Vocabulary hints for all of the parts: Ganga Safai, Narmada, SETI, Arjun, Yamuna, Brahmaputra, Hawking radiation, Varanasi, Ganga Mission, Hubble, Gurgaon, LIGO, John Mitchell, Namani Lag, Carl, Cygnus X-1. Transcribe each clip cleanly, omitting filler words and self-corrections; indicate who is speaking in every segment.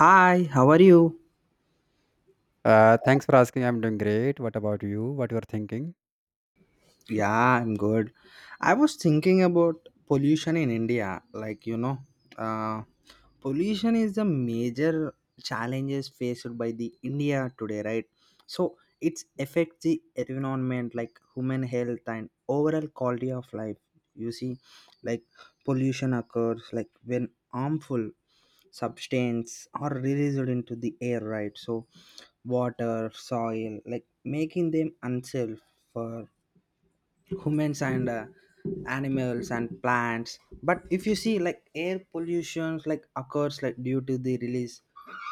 Speaker 1: Hi, how are you?
Speaker 2: Thanks for asking. I'm doing great. What about you? What you're thinking?
Speaker 1: Yeah, I'm good. I was thinking about pollution in India. Like, uh, pollution is the major challenges faced by the India today, right? So it's affects the environment like human health and overall quality of life. You see, like pollution occurs like when harmful substance are released into the air, right? So water, soil, like making them unsafe for humans and animals and plants. But if you see like air pollution like occurs like due to the release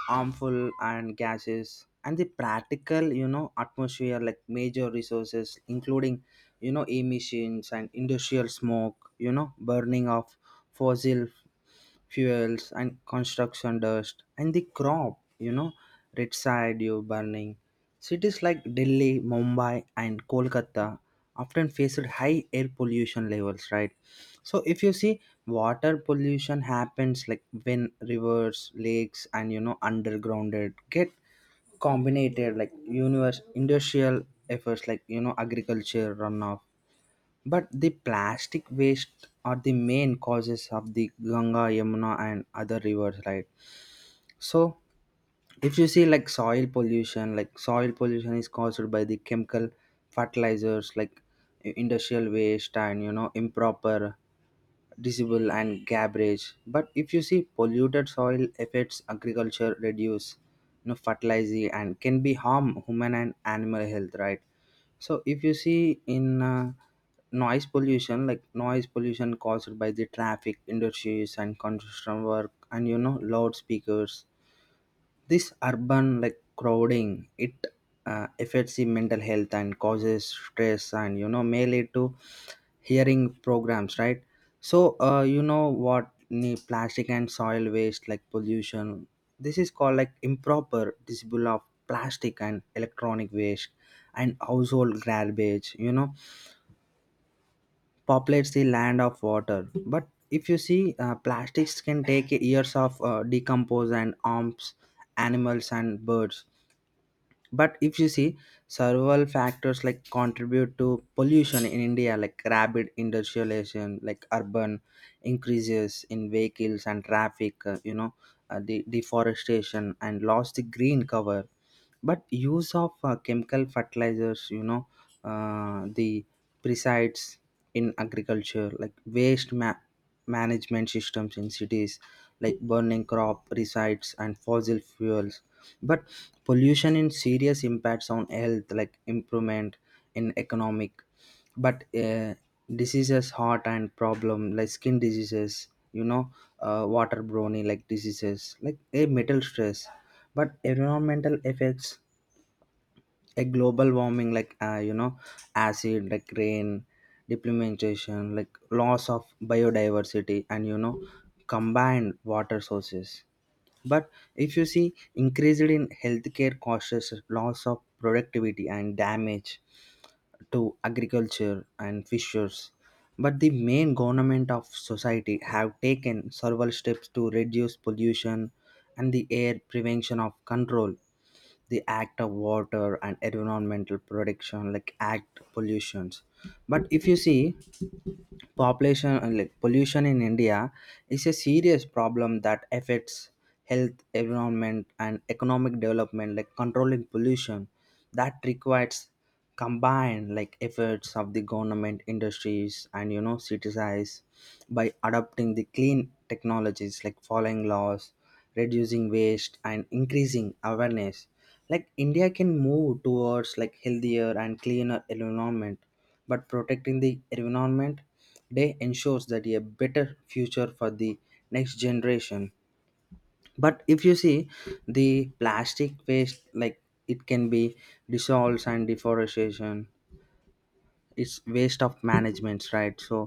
Speaker 1: harmful and gases and the practical atmosphere like major resources including emissions and industrial smoke, burning of fossil fuels and construction dust and the crop residue burning. Cities like Delhi, Mumbai and Kolkata often faced high air pollution levels, right? So if you see, water pollution happens like when rivers, lakes and undergrounded get combinated like universe industrial efforts, like agriculture runoff, but the plastic waste are the main causes of the Ganga, Yamuna and other rivers, right? So if you see like soil pollution, like soil pollution is caused by the chemical fertilizers like industrial waste and improper disable and garbage. But if you see polluted soil affects agriculture, reduce fertilizing, and can be harm human and animal health, right? So if you see in noise pollution, like noise pollution caused by the traffic, industries and construction work and loudspeakers. This urban like crowding it affects the mental health and causes stress and mainly to hearing programs, right? So what the plastic and soil waste like pollution, this is called like improper disposal of plastic and electronic waste and household garbage, populates the land of water. But if you see plastics can take years of decompose and harms animals and birds. But if you see, several factors like contribute to pollution in India, like rapid industrialization, like urban increases in vehicles and traffic, the deforestation and lost the green cover, but use of chemical fertilizers, the presides in agriculture, like waste management systems in cities like burning crop resides and fossil fuels. But pollution in serious impacts on health like improvement in economic, but diseases, heart and problem like skin diseases, water brownie like diseases like a metal stress. But environmental effects a global warming like, acid like rain depletion, like loss of biodiversity and combined water sources. But if you see, increased in healthcare costs, loss of productivity and damage to agriculture and fishers. But the main government of society have taken several steps to reduce pollution and the air prevention of control, the act of water and environmental protection like act pollutions. But if you see, population, like pollution in India is a serious problem that affects health, environment and economic development, like controlling pollution that requires combined like efforts of the government, industries and citizens. By adopting the clean technologies, like following laws, reducing waste and increasing awareness, like India can move towards like healthier and cleaner environment. But protecting the environment, they ensures that a better future for the next generation. But if you see, the plastic waste like it can be dissolved and deforestation, it's waste of management, right? So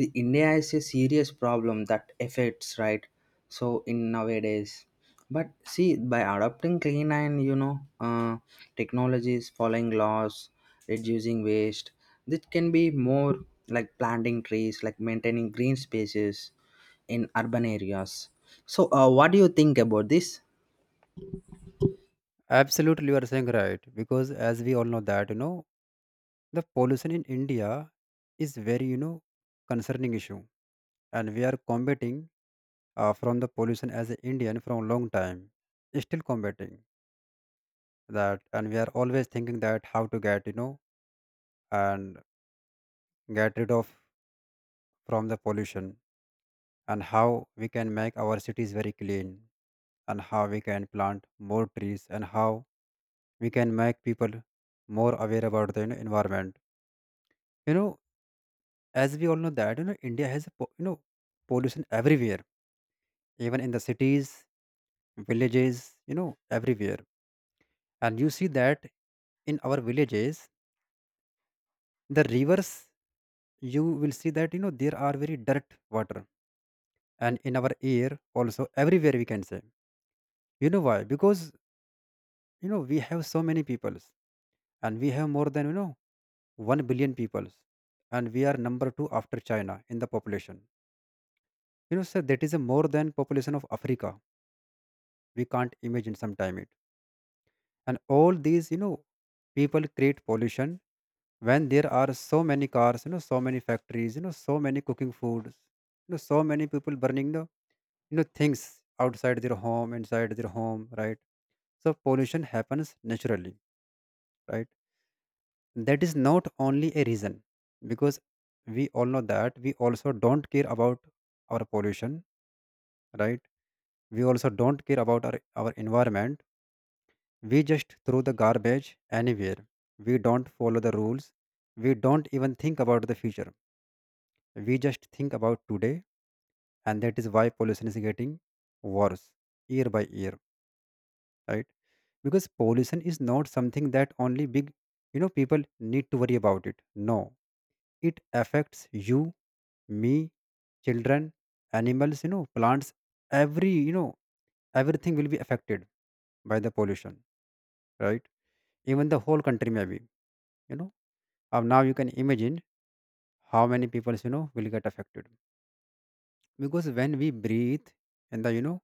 Speaker 1: the India is a serious problem that affects, right? So in nowadays, but see, by adopting clean and technologies, following laws, reducing waste, this can be more like planting trees, like maintaining green spaces in urban areas. So what do you think about this?
Speaker 2: Absolutely, you are saying right. Because as we all know that, the pollution in India is very, concerning issue. And we are combating from the pollution as an Indian from a long time. Still combating that. And we are always thinking that how to get, and get rid of from the pollution, and how we can make our cities very clean, and how we can plant more trees, and how we can make people more aware about the environment. you know as we all know that India has a pollution everywhere, even in the cities, villages, everywhere. And you see that in our villages, the rivers, you will see that there are very dirt water, and in our air also everywhere, we can say. You know why? Because we have so many peoples, and we have more than 1 billion people, and we are number 2 after China in the population. You know, sir, that is a more than population of Africa. We can't imagine sometime it. And all these people create pollution. When there are so many cars, so many factories, so many cooking foods, so many people burning the things outside their home, inside their home, right? So pollution happens naturally, right? That is not only a reason. Because we all know that we also don't care about our pollution, right? We also don't care about our environment. We just throw the garbage anywhere. We don't follow the rules. We don't even think about the future. We just think about today. And that is why pollution is getting worse year by year, right? Because pollution is not something that only big people need to worry about it. No, it affects you, me, children, animals, plants, every, you know, everything will be affected by the pollution, right? Even the whole country, maybe, you know. Now you can imagine how many people, will get affected. Because when we breathe in the, you know,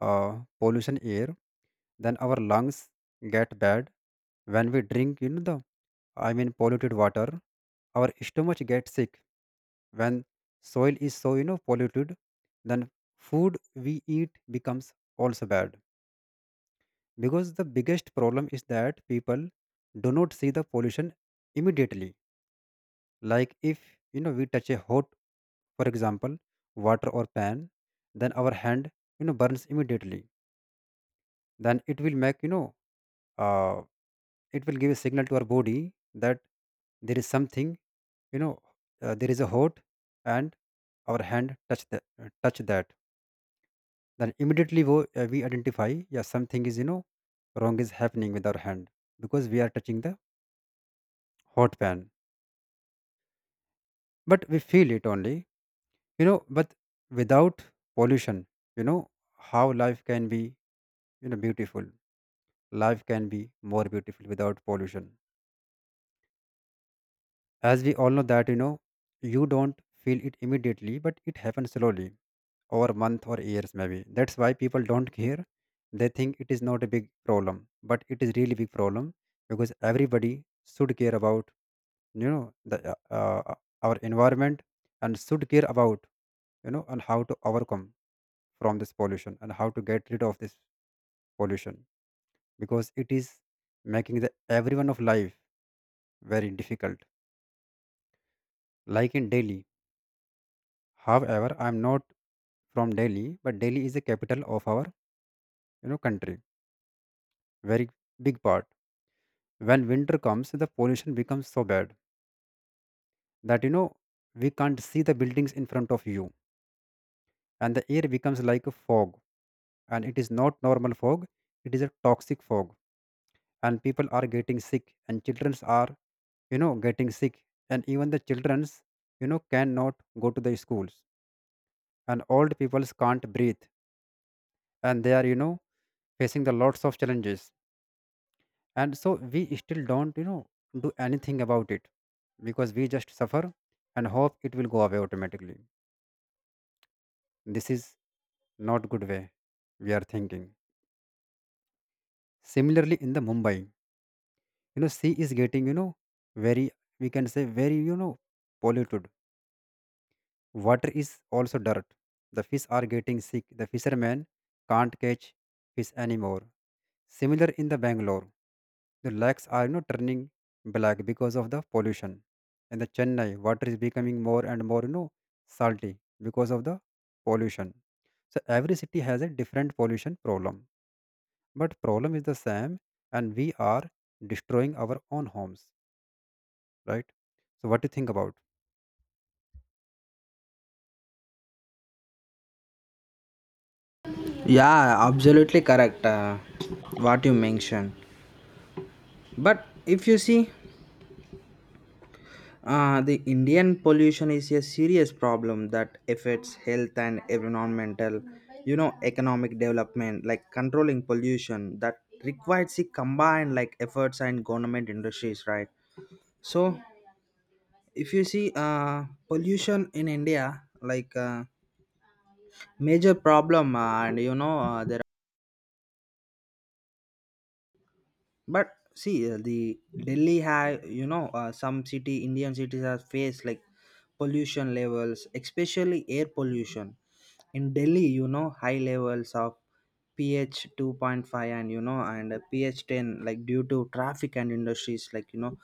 Speaker 2: uh, pollution air, then our lungs get bad. When we drink, polluted water, our stomach gets sick. When soil is so polluted, then food we eat becomes also bad. Because the biggest problem is that people do not see the pollution immediately. Like if we touch a hot, for example, water or pan, then our hand burns immediately. Then it will make uh, it will give a signal to our body that there is something you know there is a hot, and our hand touch the touch that. Then immediately we identify, yeah, something is wrong is happening with our hand, because we are touching the hot pan. But we feel it only, but without pollution, you know how life can be, beautiful. Life can be more beautiful without pollution. As we all know that you don't feel it immediately, but it happens slowly over month or years maybe. That's why people don't care. They think it is not a big problem, but it is really big problem. Because everybody should care about you know the uh, our environment, and should care about and how to overcome from this pollution, and how to get rid of this pollution. Because it is making the everyone of life very difficult, like in Delhi. However, I'm not from Delhi, but Delhi is the capital of our country. Very big part. When winter comes, the pollution becomes so bad that we can't see the buildings in front of you, and the air becomes like a fog. And it is not normal fog; it is a toxic fog. And people are getting sick, and childrens are getting sick, and even the childrens cannot go to the schools, and old peoples can't breathe, and they are facing the lots of challenges. And so we still don't do anything about it, because we just suffer and hope it will go away automatically. This is not good way we are thinking. Similarly in the Mumbai, sea is getting, very, we can say very, polluted. Water is also dirt. The fish are getting sick, the fishermen can't catch fish anymore. Similar in the Bangalore, the lakes are, turning black because of the pollution. And the Chennai, water is becoming more and more, salty because of the pollution. So every city has a different pollution problem, but problem is the same, and we are destroying our own homes, right? So what do you think about?
Speaker 1: Yeah, absolutely correct. What you mentioned. But if you see, the Indian pollution is a serious problem that affects health and environmental, economic development. Like controlling pollution that requires a combined like efforts and government industries, right? So, if you see, pollution in India, like major problem, the but see, the Delhi have some city Indian cities have faced like pollution levels, especially air pollution. In Delhi, you know high levels of pH 2.5 and pH 10 like due to traffic and industries, like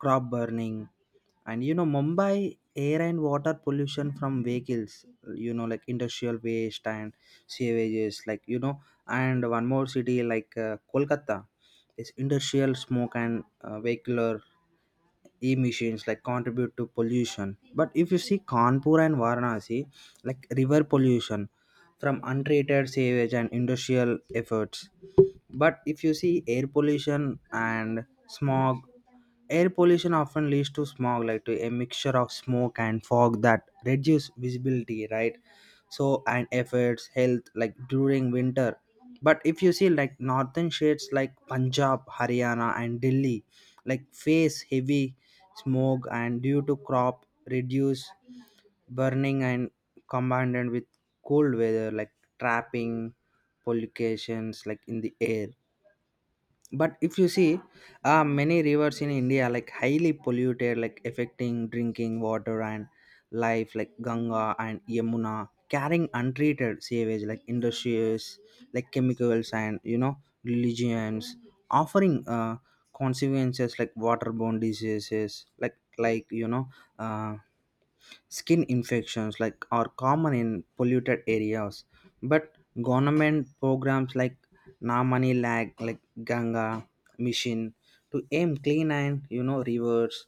Speaker 1: crop burning, and Mumbai air and water pollution from vehicles, like industrial waste and sewages, and one more city like Kolkata, this industrial smoke and vehicular emissions like contribute to pollution. But if you see Kanpur and Varanasi, like river pollution from untreated sewage and industrial efforts. But if you see air pollution and smog, air pollution often leads to smog, like to a mixture of smoke and fog that reduce visibility, right? So and efforts health like during winter. But if you see like northern states like Punjab, Haryana and Delhi like face heavy smoke and due to crop reduce burning and combined with cold weather like trapping pollutions like in the air. But if you see, many rivers in India like highly polluted, like affecting drinking water and life, like Ganga and Yamuna carrying untreated sewage, like industries like chemicals and religions offering consequences like waterborne diseases uh, skin infections like are common in polluted areas. But government programs like Namani Lag, like Ganga Mission, to aim clean and rivers.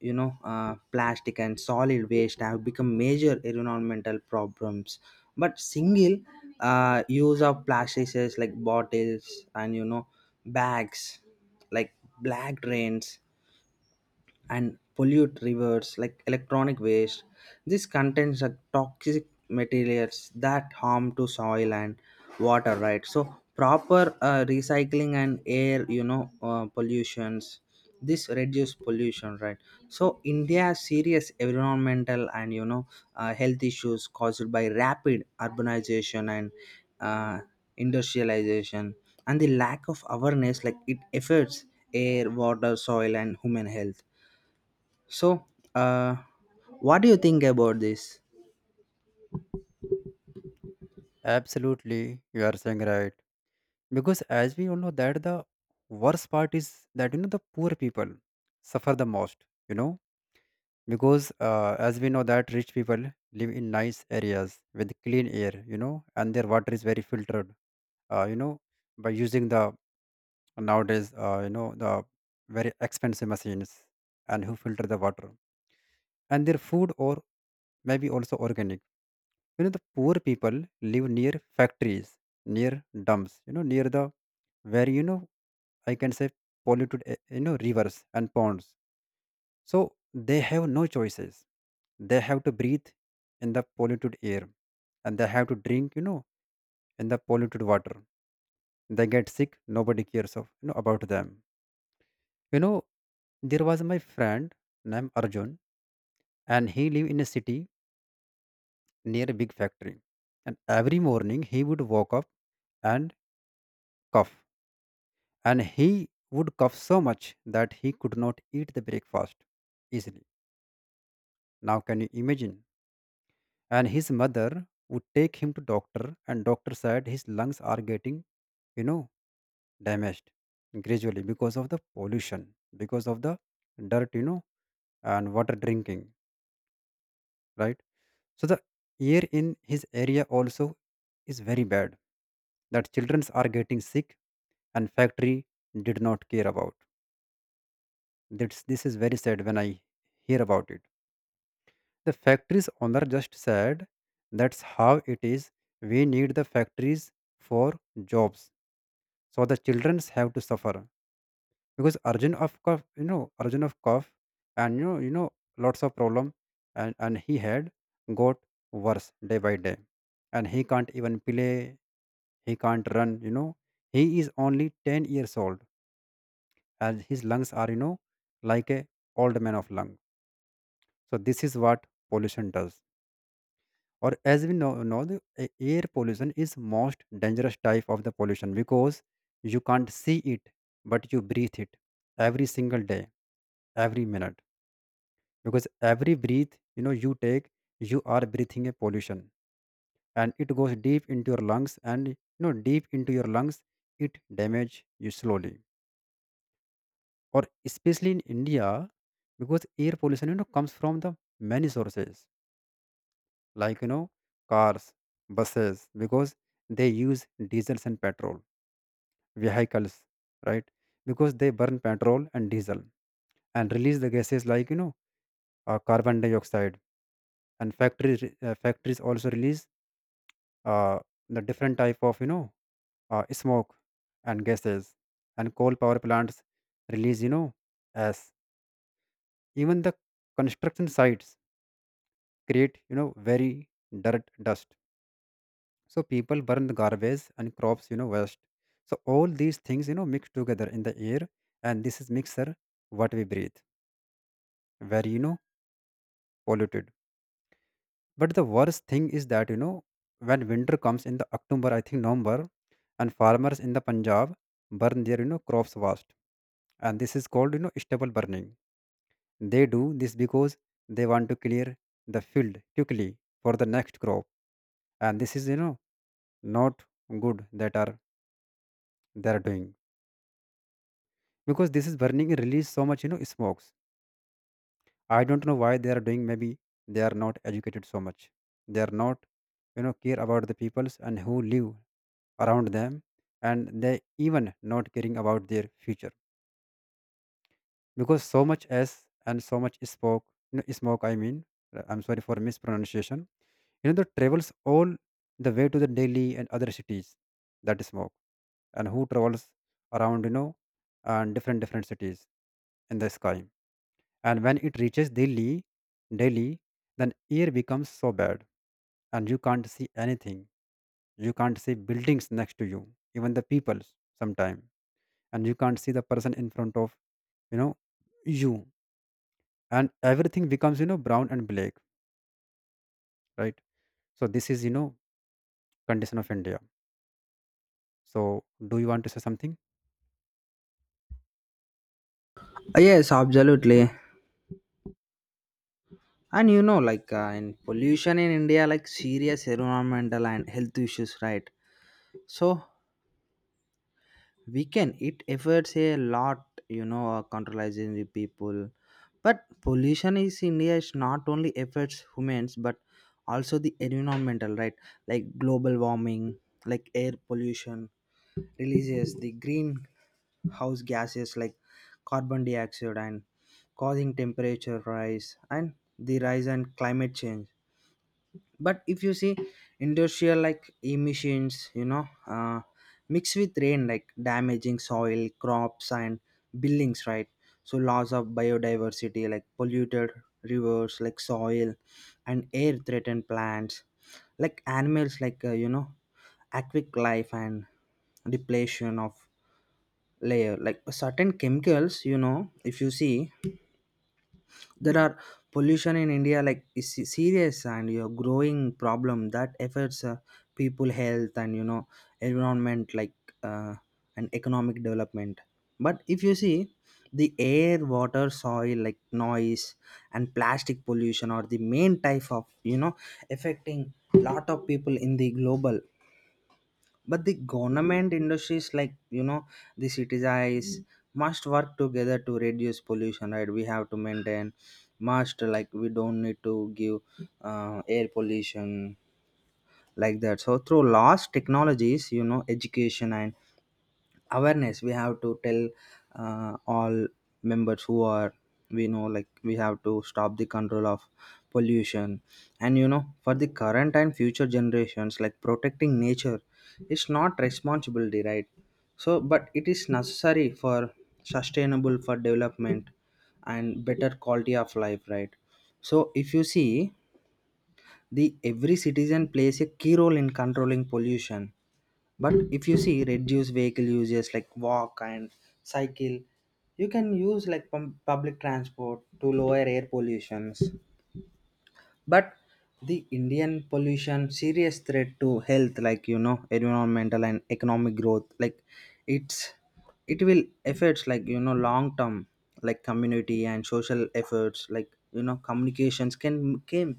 Speaker 1: Plastic and solid waste have become major environmental problems. But single use of plastics like bottles and bags, like black drains and pollute rivers like electronic waste. This contains a toxic materials that harm to soil and water, right? So proper recycling and air, pollutions. This reduce pollution, right? So India has serious environmental and health issues caused by rapid urbanization and uh, industrialization, and the lack of awareness, like it affects air, water, soil and human health. So, uh, what do you think about this?
Speaker 2: Absolutely, you are saying right. Because as we all know that the worst part is that the poor people suffer the most, you know, because as we know that rich people live in nice areas with clean air, you know, and their water is very filtered, uh, you know, by using the nowadays the very expensive machines, and who filter the water, and their food or maybe also organic. You know the poor people live near factories, near dumps, near the where I can say polluted, rivers and ponds. So they have no choices. They have to breathe in the polluted air, and they have to drink, in the polluted water. They get sick, nobody cares of about them. You know, there was my friend named Arjun, and he lived in a city near a big factory. And every morning he would walk up and cough, and he would cough so much that he could not eat the breakfast easily. Now, can you imagine? And his mother would take him to doctor, and doctor said his lungs are getting, you know, damaged gradually because of the pollution, because of the dirt, and water drinking, right? So the air in his area also is very bad. That children are getting sick, and factory did not care about. This is very sad when I hear about it. The factory's owner just said that's how it is. We need the factories for jobs. So the childrens have to suffer. Because urgent of cough, urgent of cough, and lots of problem, and he had got worse day by day. And he can't even play, he can't run, he is only 10 years old, and his lungs are, like a old man of lung. So this is what pollution does. Or as we know, the air pollution is most dangerous type of the pollution, because you can't see it, but you breathe it every single day, every minute. Because every breath, you take, you are breathing a pollution, and it goes deep into your lungs, and you know deep into your lungs it damage you slowly. Or especially in India, because air pollution, comes from the many sources, like, cars, buses, because they use diesels and petrol, vehicles, right? Because they burn petrol and diesel, and release the gases like, carbon dioxide. And factories, factories also release uh, the different type of, smoke and gases. And coal power plants release, as even the construction sites create, very dirt dust. So people burn the garbage and crops, waste. So all these things, mix together in the air, and this is mixer what we breathe, very polluted. But the worst thing is that, when winter comes in the October, I think November, and farmers in the Punjab burn their, crops vast. And this is called, stubble burning. They do this because they want to clear the field quickly for the next crop. And this is, not good that are they are doing, because this is burning release so much, smokes. I don't know why they are doing. Maybe they are not educated so much. They are not, care about the peoples and who live around them. And they even not caring about their future, because so much s and so much smoke. No, smoke I mean. I'm sorry for mispronunciation. That travels all the way to the Delhi and other cities. That is smoke and who travels around, and different different cities in the sky. And when it reaches Delhi, then air becomes so bad, and you can't see anything. You can't see buildings next to you, even the people sometime. And you can't see the person in front of, you know you. And everything becomes, brown and black, right? So this is, condition of India. So do you want to say something?
Speaker 1: Yes, absolutely. And in pollution in India, like serious environmental and health issues, right? So, we can it efforts a lot, controlling the people, but pollution is India is not only affects humans but also the environmental, right? Like global warming, like air pollution releases the greenhouse gases like carbon dioxide and causing temperature rise and the rise and climate change. But if you see industrial like emissions, mixed with rain like damaging soil, crops and buildings, right? So loss of biodiversity, like polluted rivers, like soil and air threatened plants like animals, like aquatic life and depletion of layer, like certain chemicals, you know. If you see, there are pollution in India like is serious and growing problem that affects people health and environment, like, uh, and economic development. But if you see, the air, water, soil like noise and plastic pollution are the main type of affecting lot of people in the global, but the government industries, the cities eyes must work together to reduce pollution, right? We have to maintain must, like we don't need to give air pollution like that. So through laws, technologies, education and awareness, we have to tell all members who are we know, like we have to stop the control of pollution, and for the current and future generations, like protecting nature is not responsibility, right? So but it is necessary for sustainable for development and better quality of life, right? So if you see the every citizen plays a key role in controlling pollution. But if you see, reduce vehicle uses like walk and cycle, you can use like public transport to lower air pollutions. But the Indian pollution serious threat to health, like environmental and economic growth. Like it's it will affects like long term, like community and social efforts, like communications can came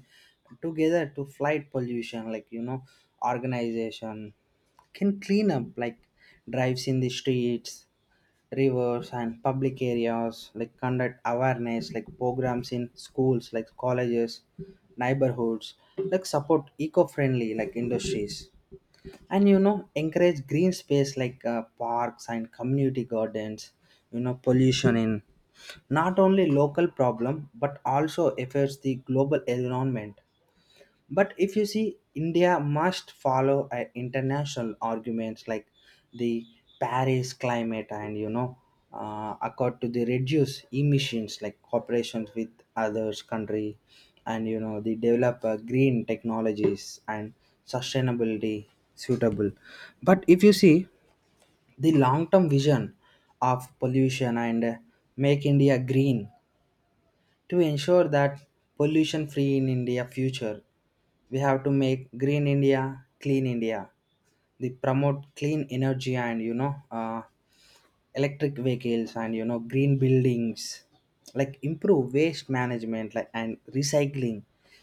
Speaker 1: together to fight pollution, like organization can clean up like drives in the streets, rivers and public areas, like conduct awareness like programs in schools, like colleges, neighborhoods, like support eco-friendly like industries, and encourage green space, like parks and community gardens, you know. Pollution in not only local problem but also affects the global environment. But if you see India must follow international arguments like the Paris climate and accord to the reduce emissions, like cooperation with others country, and the develop green technologies and sustainability suitable. But if you see the long term vision of pollution and, make India green to ensure that pollution free in India future, we have to make green India, clean India. They promote clean energy and electric vehicles and green buildings, like improve waste management like and recycling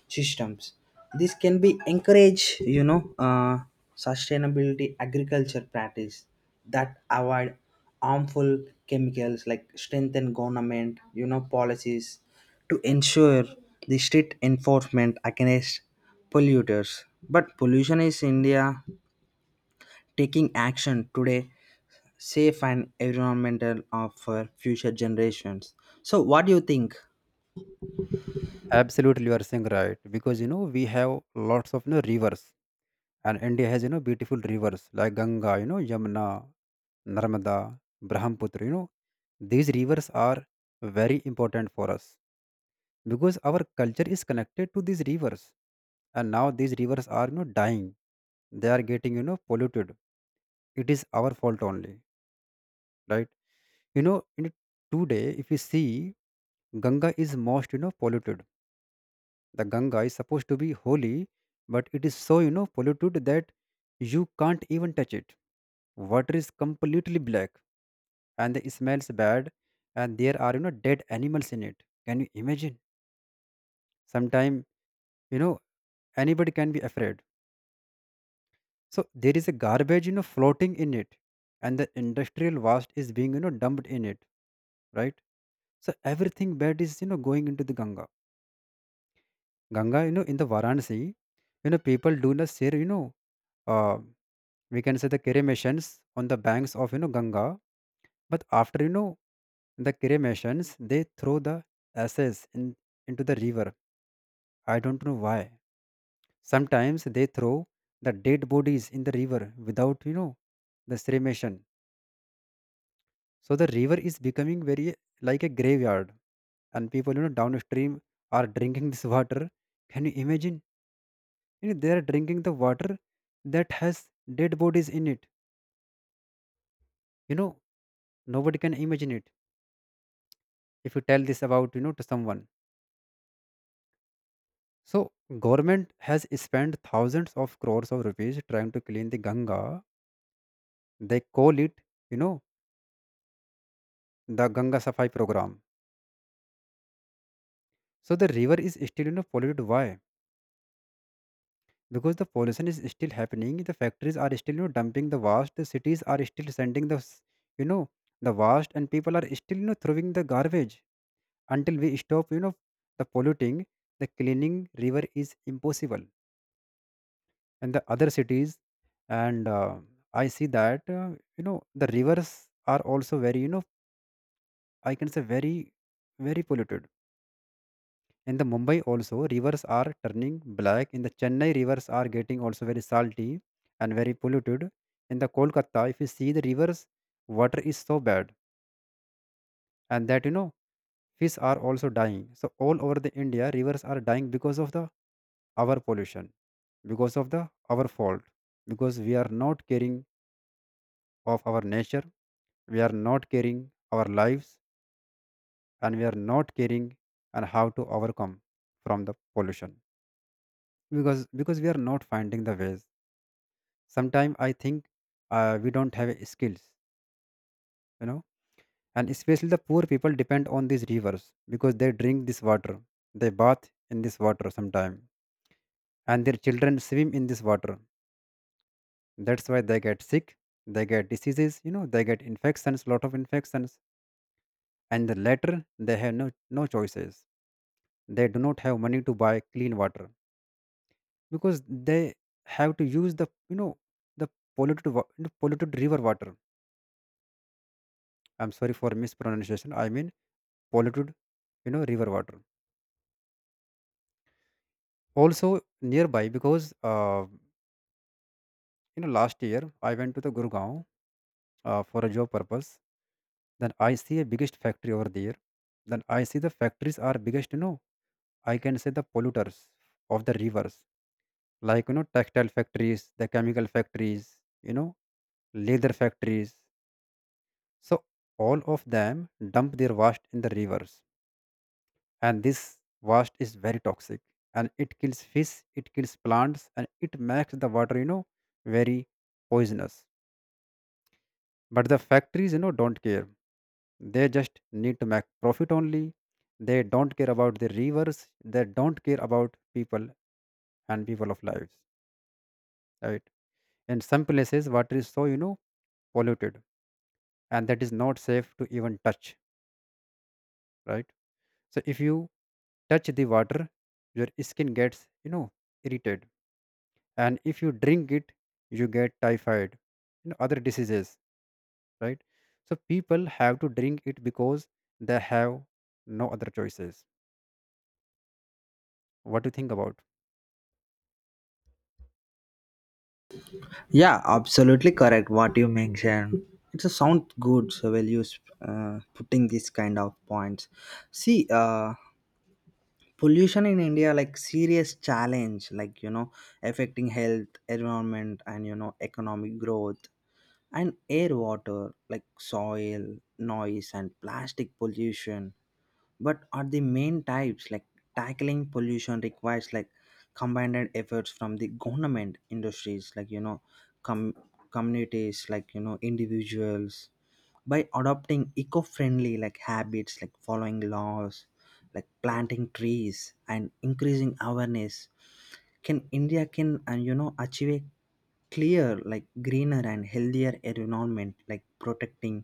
Speaker 1: systems. This can be encourage sustainability agriculture practice that avoid harmful chemicals, like strengthen government policies to ensure the strict enforcement against polluters. But pollution is India, taking action today safe and environmental of for future generations. So what do you think?
Speaker 2: Absolutely, you are saying right, because, we have lots of, rivers. And India has, beautiful rivers, like Ganga, Yamuna, Narmada, Brahmaputra. These rivers are very important for us, because our culture is connected to these rivers. And now these rivers are, dying. They are getting, polluted. It is our fault only, right? In today, if you see, Ganga is most, polluted. The Ganga is supposed to be holy, but it is so, polluted that you can't even touch it. Water is completely black and the smells bad, and there are, dead animals in it. Can you imagine? Sometime, you know, anybody can be afraid. So there is a garbage, floating in it, and the industrial waste is being, dumped in it, right? So everything bad is, going into the in the Varanasi, people do not share, uh, we can say the cremations on the banks of, Ganga. But after, the cremations, they throw the ashes in, into the river. I don't know why. Sometimes they throw the dead bodies in the river without, the cremation. So the river is becoming very like a graveyard, and people, downstream are drinking this water. Can you imagine? They are drinking the water that has dead bodies in it. You know, Nobody can imagine it if you tell this about, to someone. So government has spent thousands of crores of rupees trying to clean the Ganga. They call it, you know, the Ganga Safai program. So the river is still, polluted. Why? Because the pollution is still happening. The factories are still, dumping the waste. The cities are still sending you know, the waste, and people are still, throwing the garbage. Until we stop, the polluting, the cleaning river is impossible. And the other cities, and I see that, the rivers are also very, I can say very very polluted. In the Mumbai also, rivers are turning black. In the Chennai, rivers are getting also very salty and very polluted. In the Kolkata, if you see the rivers, water is so bad, and that, fish are also dying. So all over the India, rivers are dying because of the our pollution, because of the our fault, because we are not caring of our nature. We are not caring our lives, and we are not caring and how to overcome from the pollution, because we are not finding the ways. Sometimes I think, we don't have skills, you know and especially the poor people depend on these rivers, because they drink this water. They bath in this water sometime, and their children swim in this water. That's why they get sick. They get diseases, they get infections, lot of infections. And the latter, they have no choices. They do not have money to buy clean water, because they have to use the, the polluted river water. I'm sorry for mispronunciation, I mean polluted, river water also nearby, because, last year I went to the Gurgaon, for a job purpose. Then I see a biggest factory over there. Then I see the factories are biggest, I can say the polluters of the rivers, like, textile factories, the chemical factories, you know, leather factories. So all of them dump their waste in the rivers, and this waste is very toxic, and it kills fish, it kills plants, and it makes the water, very poisonous. But the factories, don't care. They just need to make profit only. They don't care about the rivers. They don't care about people and people of lives, right? In some places, water is so, polluted, and that is not safe to even touch, right? So if you touch the water, your skin gets, irritated. And if you drink it, you get typhoid, other diseases, right? So people have to drink it, because they have no other choices. What do you think about?
Speaker 1: Yeah, absolutely correct what you mentioned. It's a sound good so well you putting this kind of points. See, pollution in India like serious challenge, like affecting health, environment, and economic growth and air, water like soil, noise, and plastic pollution, but are the main types, like tackling pollution requires like combined efforts from the government, industries, like com- communities, like individuals. By adopting eco-friendly like habits, like following laws, like planting trees and increasing awareness, can India can and achieve a clear like greener and healthier environment, like protecting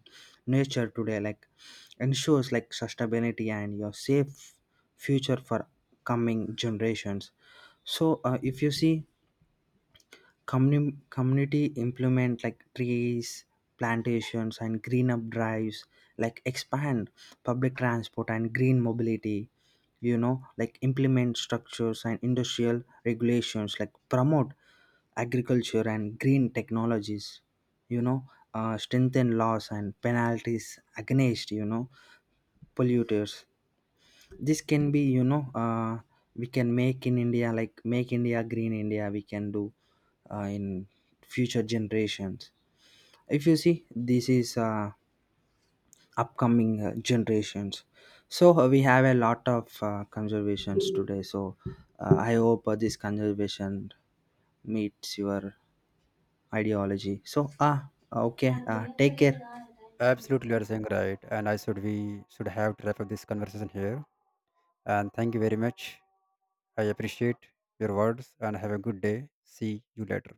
Speaker 1: nature today, like ensures like sustainability and your safe future for coming generations. So if you see community implement like trees plantations and green up drives, like expand public transport and green mobility, like implement structures and industrial regulations, like promote agriculture and green technologies, you know strengthen laws and penalties against polluters. This can be, we can make in India, like make India green India, we can do in future generations. If you see, this is upcoming generations. So we have a lot of conservations today. So I hope this conservation meets your ideology. So, take care.
Speaker 2: Absolutely, you are saying right. And I should we should have to wrap up this conversation here. And thank you very much. I appreciate your words, and have a good day. See you later.